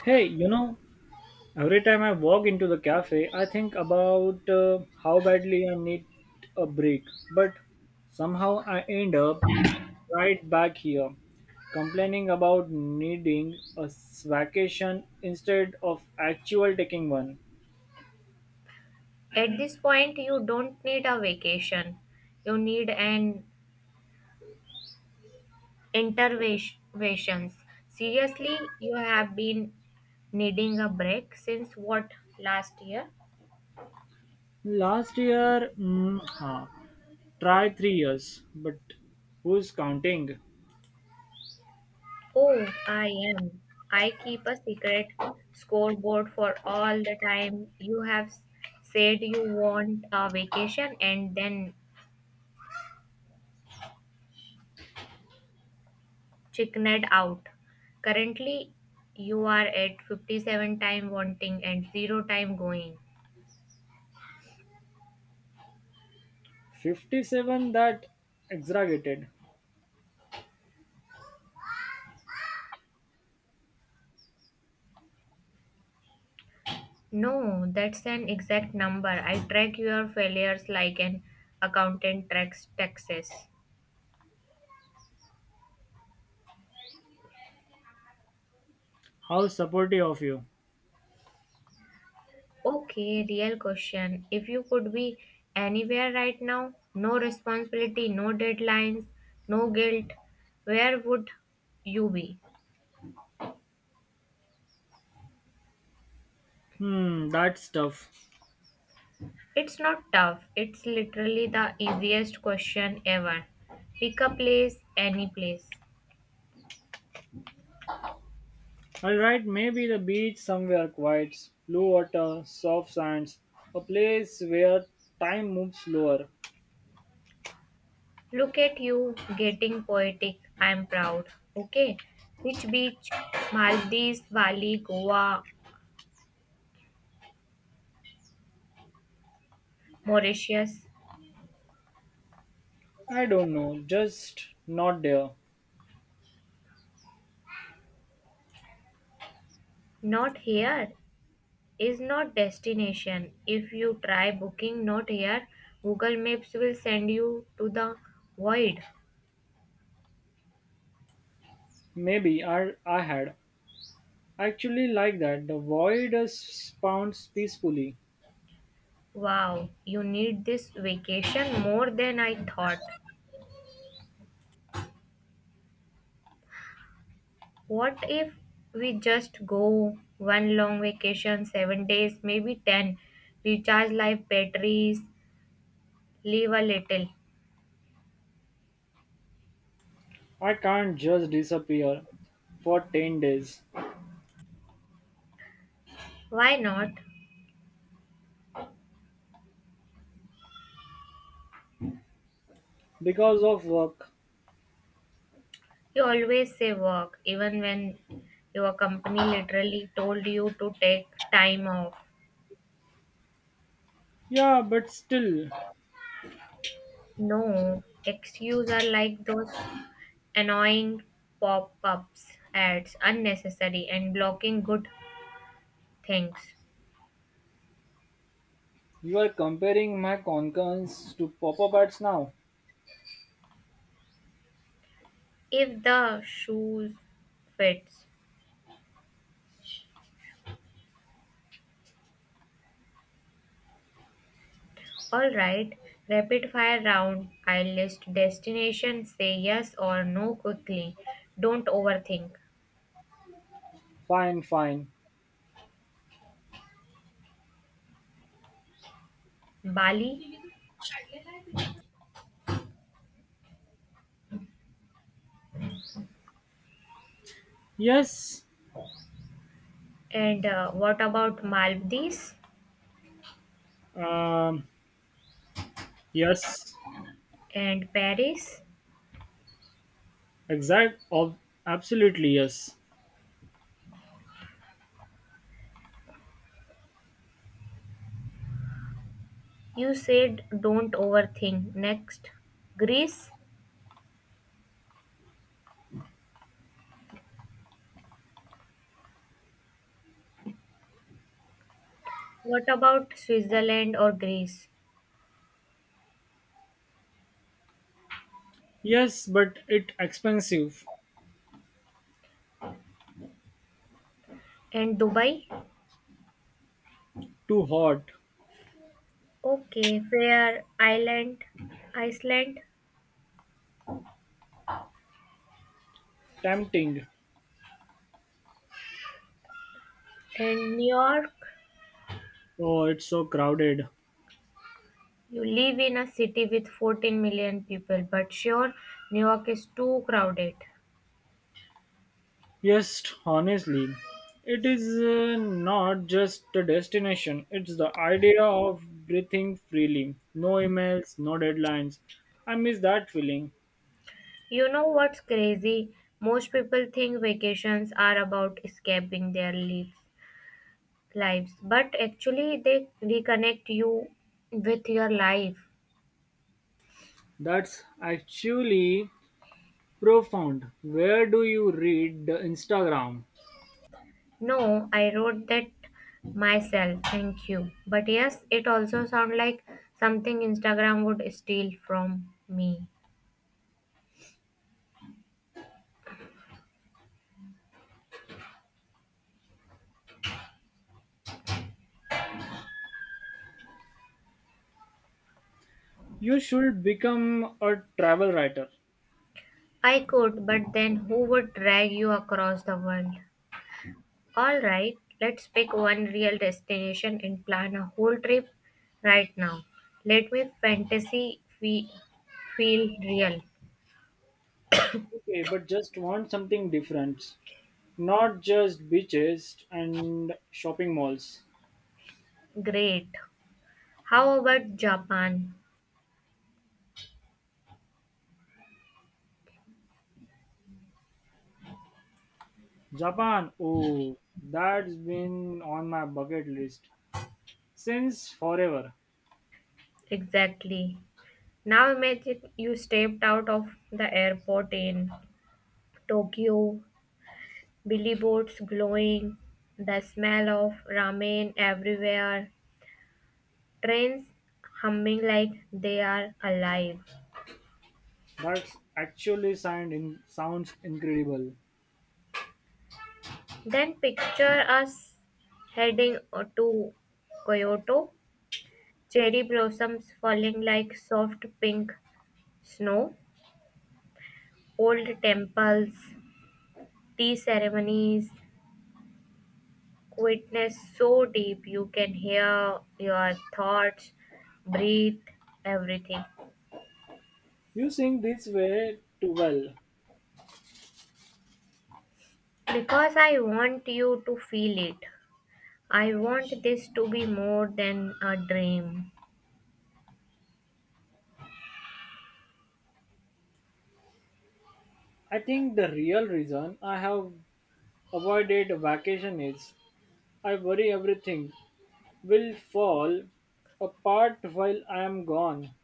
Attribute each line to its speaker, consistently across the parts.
Speaker 1: Hey, you know, every time I walk into the cafe, I think about how badly I need a break. But somehow I end up right back here, complaining about needing vacation instead of actual taking one.
Speaker 2: At this point, you don't need a vacation. You need an intervention. Seriously, you have been needing a break since what, last year?
Speaker 1: Last year, try 3 years, but who's counting?
Speaker 2: Oh, I am. I keep a secret scoreboard for all the time you have said you want a vacation and then chickened out. Currently, you are at 57 time wanting and 0 time going.
Speaker 1: 57, that exaggerated.
Speaker 2: No, that's an exact number. I track your failures like an accountant tracks taxes.
Speaker 1: How supportive of you.
Speaker 2: Okay, real question. If you could be anywhere right now, no responsibility, no deadlines, no guilt, where would you be?
Speaker 1: Hmm, that's tough.
Speaker 2: It's not tough. It's literally the easiest question ever. Pick a place, any place.
Speaker 1: Alright, maybe the beach, somewhere quiet, blue water, soft sands, a place where time moves slower.
Speaker 2: Look at you getting poetic. I'm proud. Okay. Which beach? Maldives, Bali, Goa, Mauritius.
Speaker 1: I don't know, just not there.
Speaker 2: Not here is not destination. If you try booking not here, Google Maps will send you to the void.
Speaker 1: Maybe I had. Actually, like that, the void spawns peacefully.
Speaker 2: Wow, you need this vacation more than I thought. What if we just go one long vacation, 7 days, maybe 10? Recharge life batteries. Leave a little.
Speaker 1: I can't just disappear for 10 days
Speaker 2: Why not?
Speaker 1: because of work.
Speaker 2: You always say work, even when your company literally told you to take time off.
Speaker 1: Yeah, but still,
Speaker 2: No, excuses are like those annoying pop ups, ads, unnecessary, and blocking good things.
Speaker 1: you are comparing my concurrence to pop-up ads now.
Speaker 2: If the shoes fits. Alright, rapid fire round. I list destination, say yes or no quickly. Don't overthink.
Speaker 1: Fine, fine.
Speaker 2: Bali,
Speaker 1: Yes.
Speaker 2: and what about Maldives
Speaker 1: um, Yes,
Speaker 2: and Paris?
Speaker 1: exact. Of absolutely yes.
Speaker 2: You said don't overthink. Next, Greece. What about Switzerland or Greece?
Speaker 1: Yes, but it expensive.
Speaker 2: And Dubai?
Speaker 1: Too hot.
Speaker 2: Okay, fair. Island, Iceland,
Speaker 1: Tempting.
Speaker 2: and New York.
Speaker 1: Oh, it's so crowded.
Speaker 2: You live in a city with 14 million people, but sure, New York is too crowded.
Speaker 1: Yes, honestly, it is not just the destination. It's the idea of breathing freely. No emails, no deadlines. I miss that feeling.
Speaker 2: You know what's crazy? Most people think vacations are about escaping their lives. Lives, but actually they reconnect you with your life.
Speaker 1: That's actually profound. Where do you read the Instagram?
Speaker 2: No, I wrote that myself, thank you, but yes, it also sounds like something Instagram would steal from me.
Speaker 1: You should become a travel writer.
Speaker 2: I could, but then who would drag you across the world? All right let's pick one real destination and plan a whole trip right now. Let me fantasy feel real.
Speaker 1: Okay, but just want something different. Not just beaches and shopping malls.
Speaker 2: Great, how about Japan?
Speaker 1: Japan, oh, that's been on my bucket list since forever.
Speaker 2: Exactly. Now imagine you stepped out of the airport in Tokyo, Billy boats glowing, the smell of ramen everywhere, trains humming like they are alive.
Speaker 1: That's actually sounds incredible.
Speaker 2: Then picture us heading to Kyoto, cherry blossoms falling like soft pink snow, old temples, tea ceremonies, quietness so deep you can hear your thoughts, breathe, everything.
Speaker 1: You sing this way too well.
Speaker 2: Because I want you to feel it. I want this to be more than a dream.
Speaker 1: I think the real reason I have avoided vacation is I worry everything will fall apart while I am gone.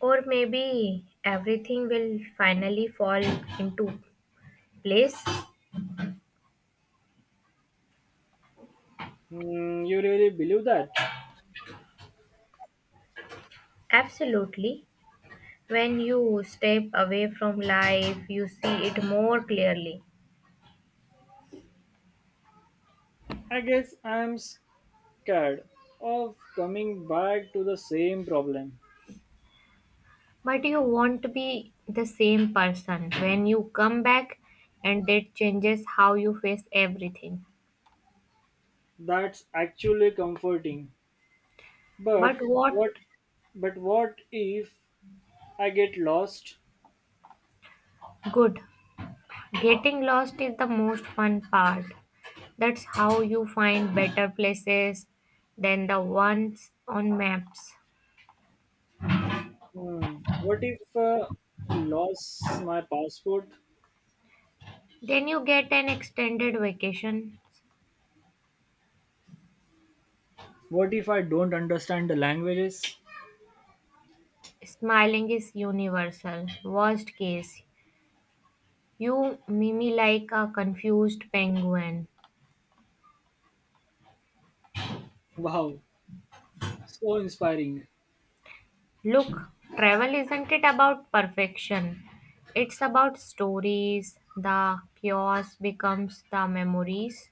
Speaker 2: Or maybe everything will finally fall into place.
Speaker 1: Hmm, you really believe that?
Speaker 2: Absolutely. When you step away from life, you see it more clearly.
Speaker 1: I guess I'm scared of coming back to the same problem.
Speaker 2: But you want to be the same person when you come back, and that changes how you face everything.
Speaker 1: That's actually comforting.
Speaker 2: But
Speaker 1: But
Speaker 2: what
Speaker 1: what, but what if I get lost?
Speaker 2: good? Getting lost is the most fun part. That's how you find better places than the ones on maps.
Speaker 1: Hmm. What if lost my passport?
Speaker 2: Then you get an extended vacation.
Speaker 1: What if I don't understand the languages?
Speaker 2: Smiling is universal. Worst case, you mimi like a confused penguin.
Speaker 1: Wow, so inspiring.
Speaker 2: Look, travel isn't it about perfection? It's about stories, the chaos becomes the memories.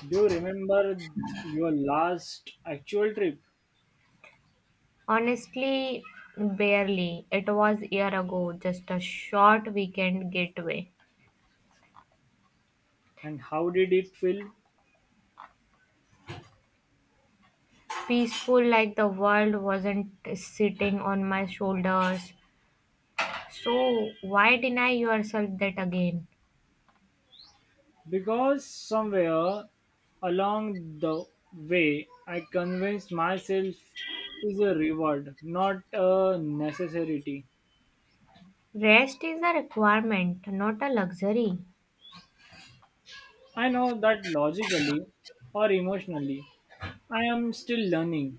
Speaker 1: Do you remember your last actual trip
Speaker 2: Honestly, barely. It was a year ago, just a short weekend getaway.
Speaker 1: and how did it feel?
Speaker 2: Peaceful, like the world wasn't sitting on my shoulders. So why deny yourself that again?
Speaker 1: Because somewhere along the way, I convinced myself is a reward, not a necessity.
Speaker 2: Rest is a requirement, not a luxury.
Speaker 1: I know that logically or emotionally, I am still learning.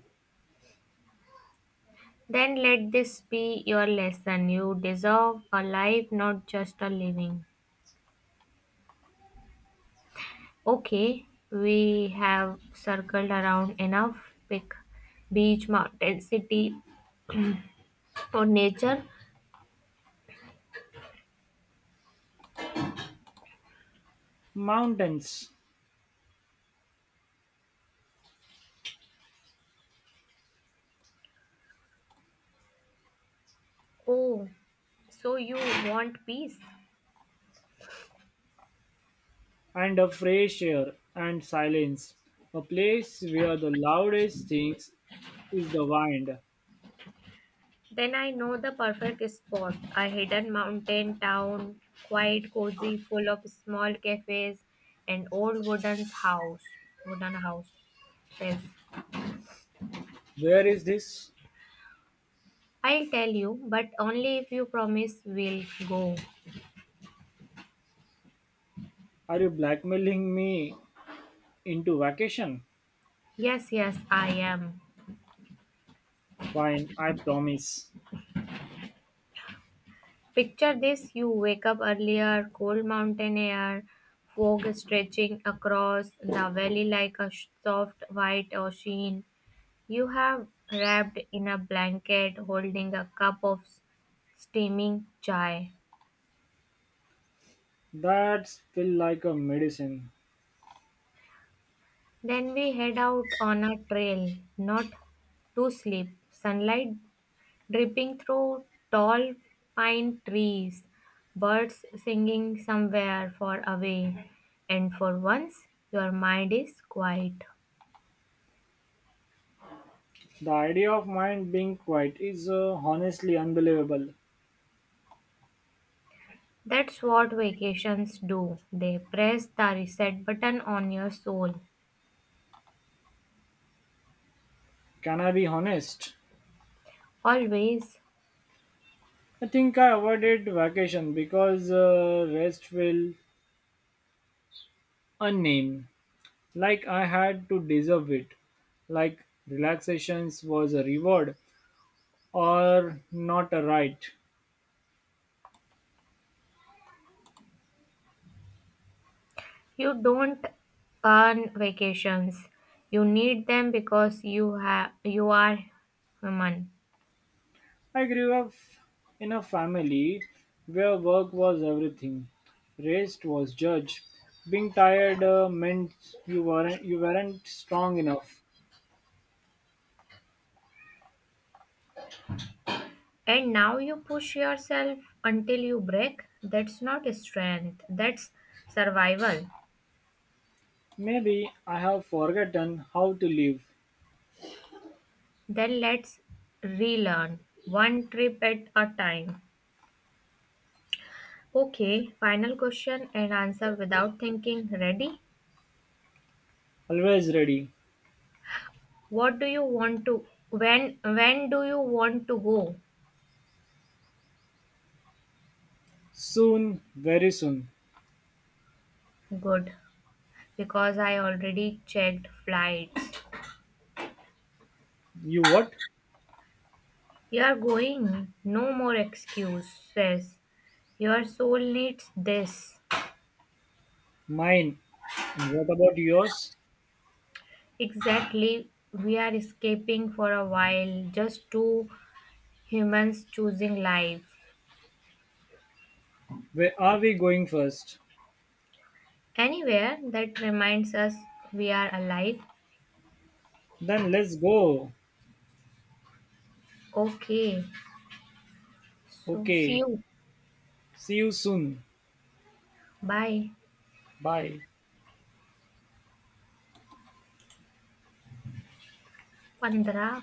Speaker 2: Then let this be your lesson. You deserve a life, not just a living. Okay, we have circled around enough. Pick beach, mountain, city, or nature.
Speaker 1: Mountains,
Speaker 2: Oh, so you want peace?
Speaker 1: and a fresh air and silence, a place where the loudest things is the wind.
Speaker 2: Then I know the perfect spot. A hidden mountain town, quiet, cozy, full of small cafes and old wooden house. Wooden house. Yes.
Speaker 1: Where is this?
Speaker 2: I'll tell you, but only if you promise we'll go.
Speaker 1: Are you blackmailing me into vacation?
Speaker 2: Yes, yes, I am.
Speaker 1: Fine, I promise.
Speaker 2: Picture this, you wake up earlier, cold mountain air, fog stretching across the valley like a soft white ocean. You have wrapped in a blanket, holding a cup of steaming chai.
Speaker 1: That's feel like a medicine.
Speaker 2: Then we head out on a trail, not to sleep. Sunlight dripping through tall pine trees, birds singing somewhere far away, and for once your mind is quiet.
Speaker 1: The idea of mind being quiet is honestly unbelievable.
Speaker 2: That's what vacations do. They press the reset button on your soul.
Speaker 1: Can I be honest?
Speaker 2: Always.
Speaker 1: I think I avoided vacation because rest felt unnamed. Like I had to deserve it. Like relaxations was a reward or not a right.
Speaker 2: You don't earn vacations. You need them because you are human.
Speaker 1: I grew up in a family where work was everything. Rest was judged. Being tired meant you weren't strong enough.
Speaker 2: And now you push yourself until you break. That's not strength, that's survival.
Speaker 1: Maybe I have forgotten how to live.
Speaker 2: Then let's relearn one trip at a time. Okay, final question and answer without thinking. Ready?
Speaker 1: Always ready.
Speaker 2: What do you want to when do you want to go?
Speaker 1: Soon, very soon.
Speaker 2: Good. Because I already checked flights.
Speaker 1: You what?
Speaker 2: You are going. No more excuses. Your soul needs this.
Speaker 1: Mine. And what about yours?
Speaker 2: Exactly, we are escaping for a while, just two humans choosing life.
Speaker 1: Where are we going first?
Speaker 2: Anywhere that reminds us we are alive.
Speaker 1: Then let's go.
Speaker 2: Okay, so see
Speaker 1: Okay.
Speaker 2: you.
Speaker 1: See you soon.
Speaker 2: Bye.
Speaker 1: Bye.
Speaker 2: 15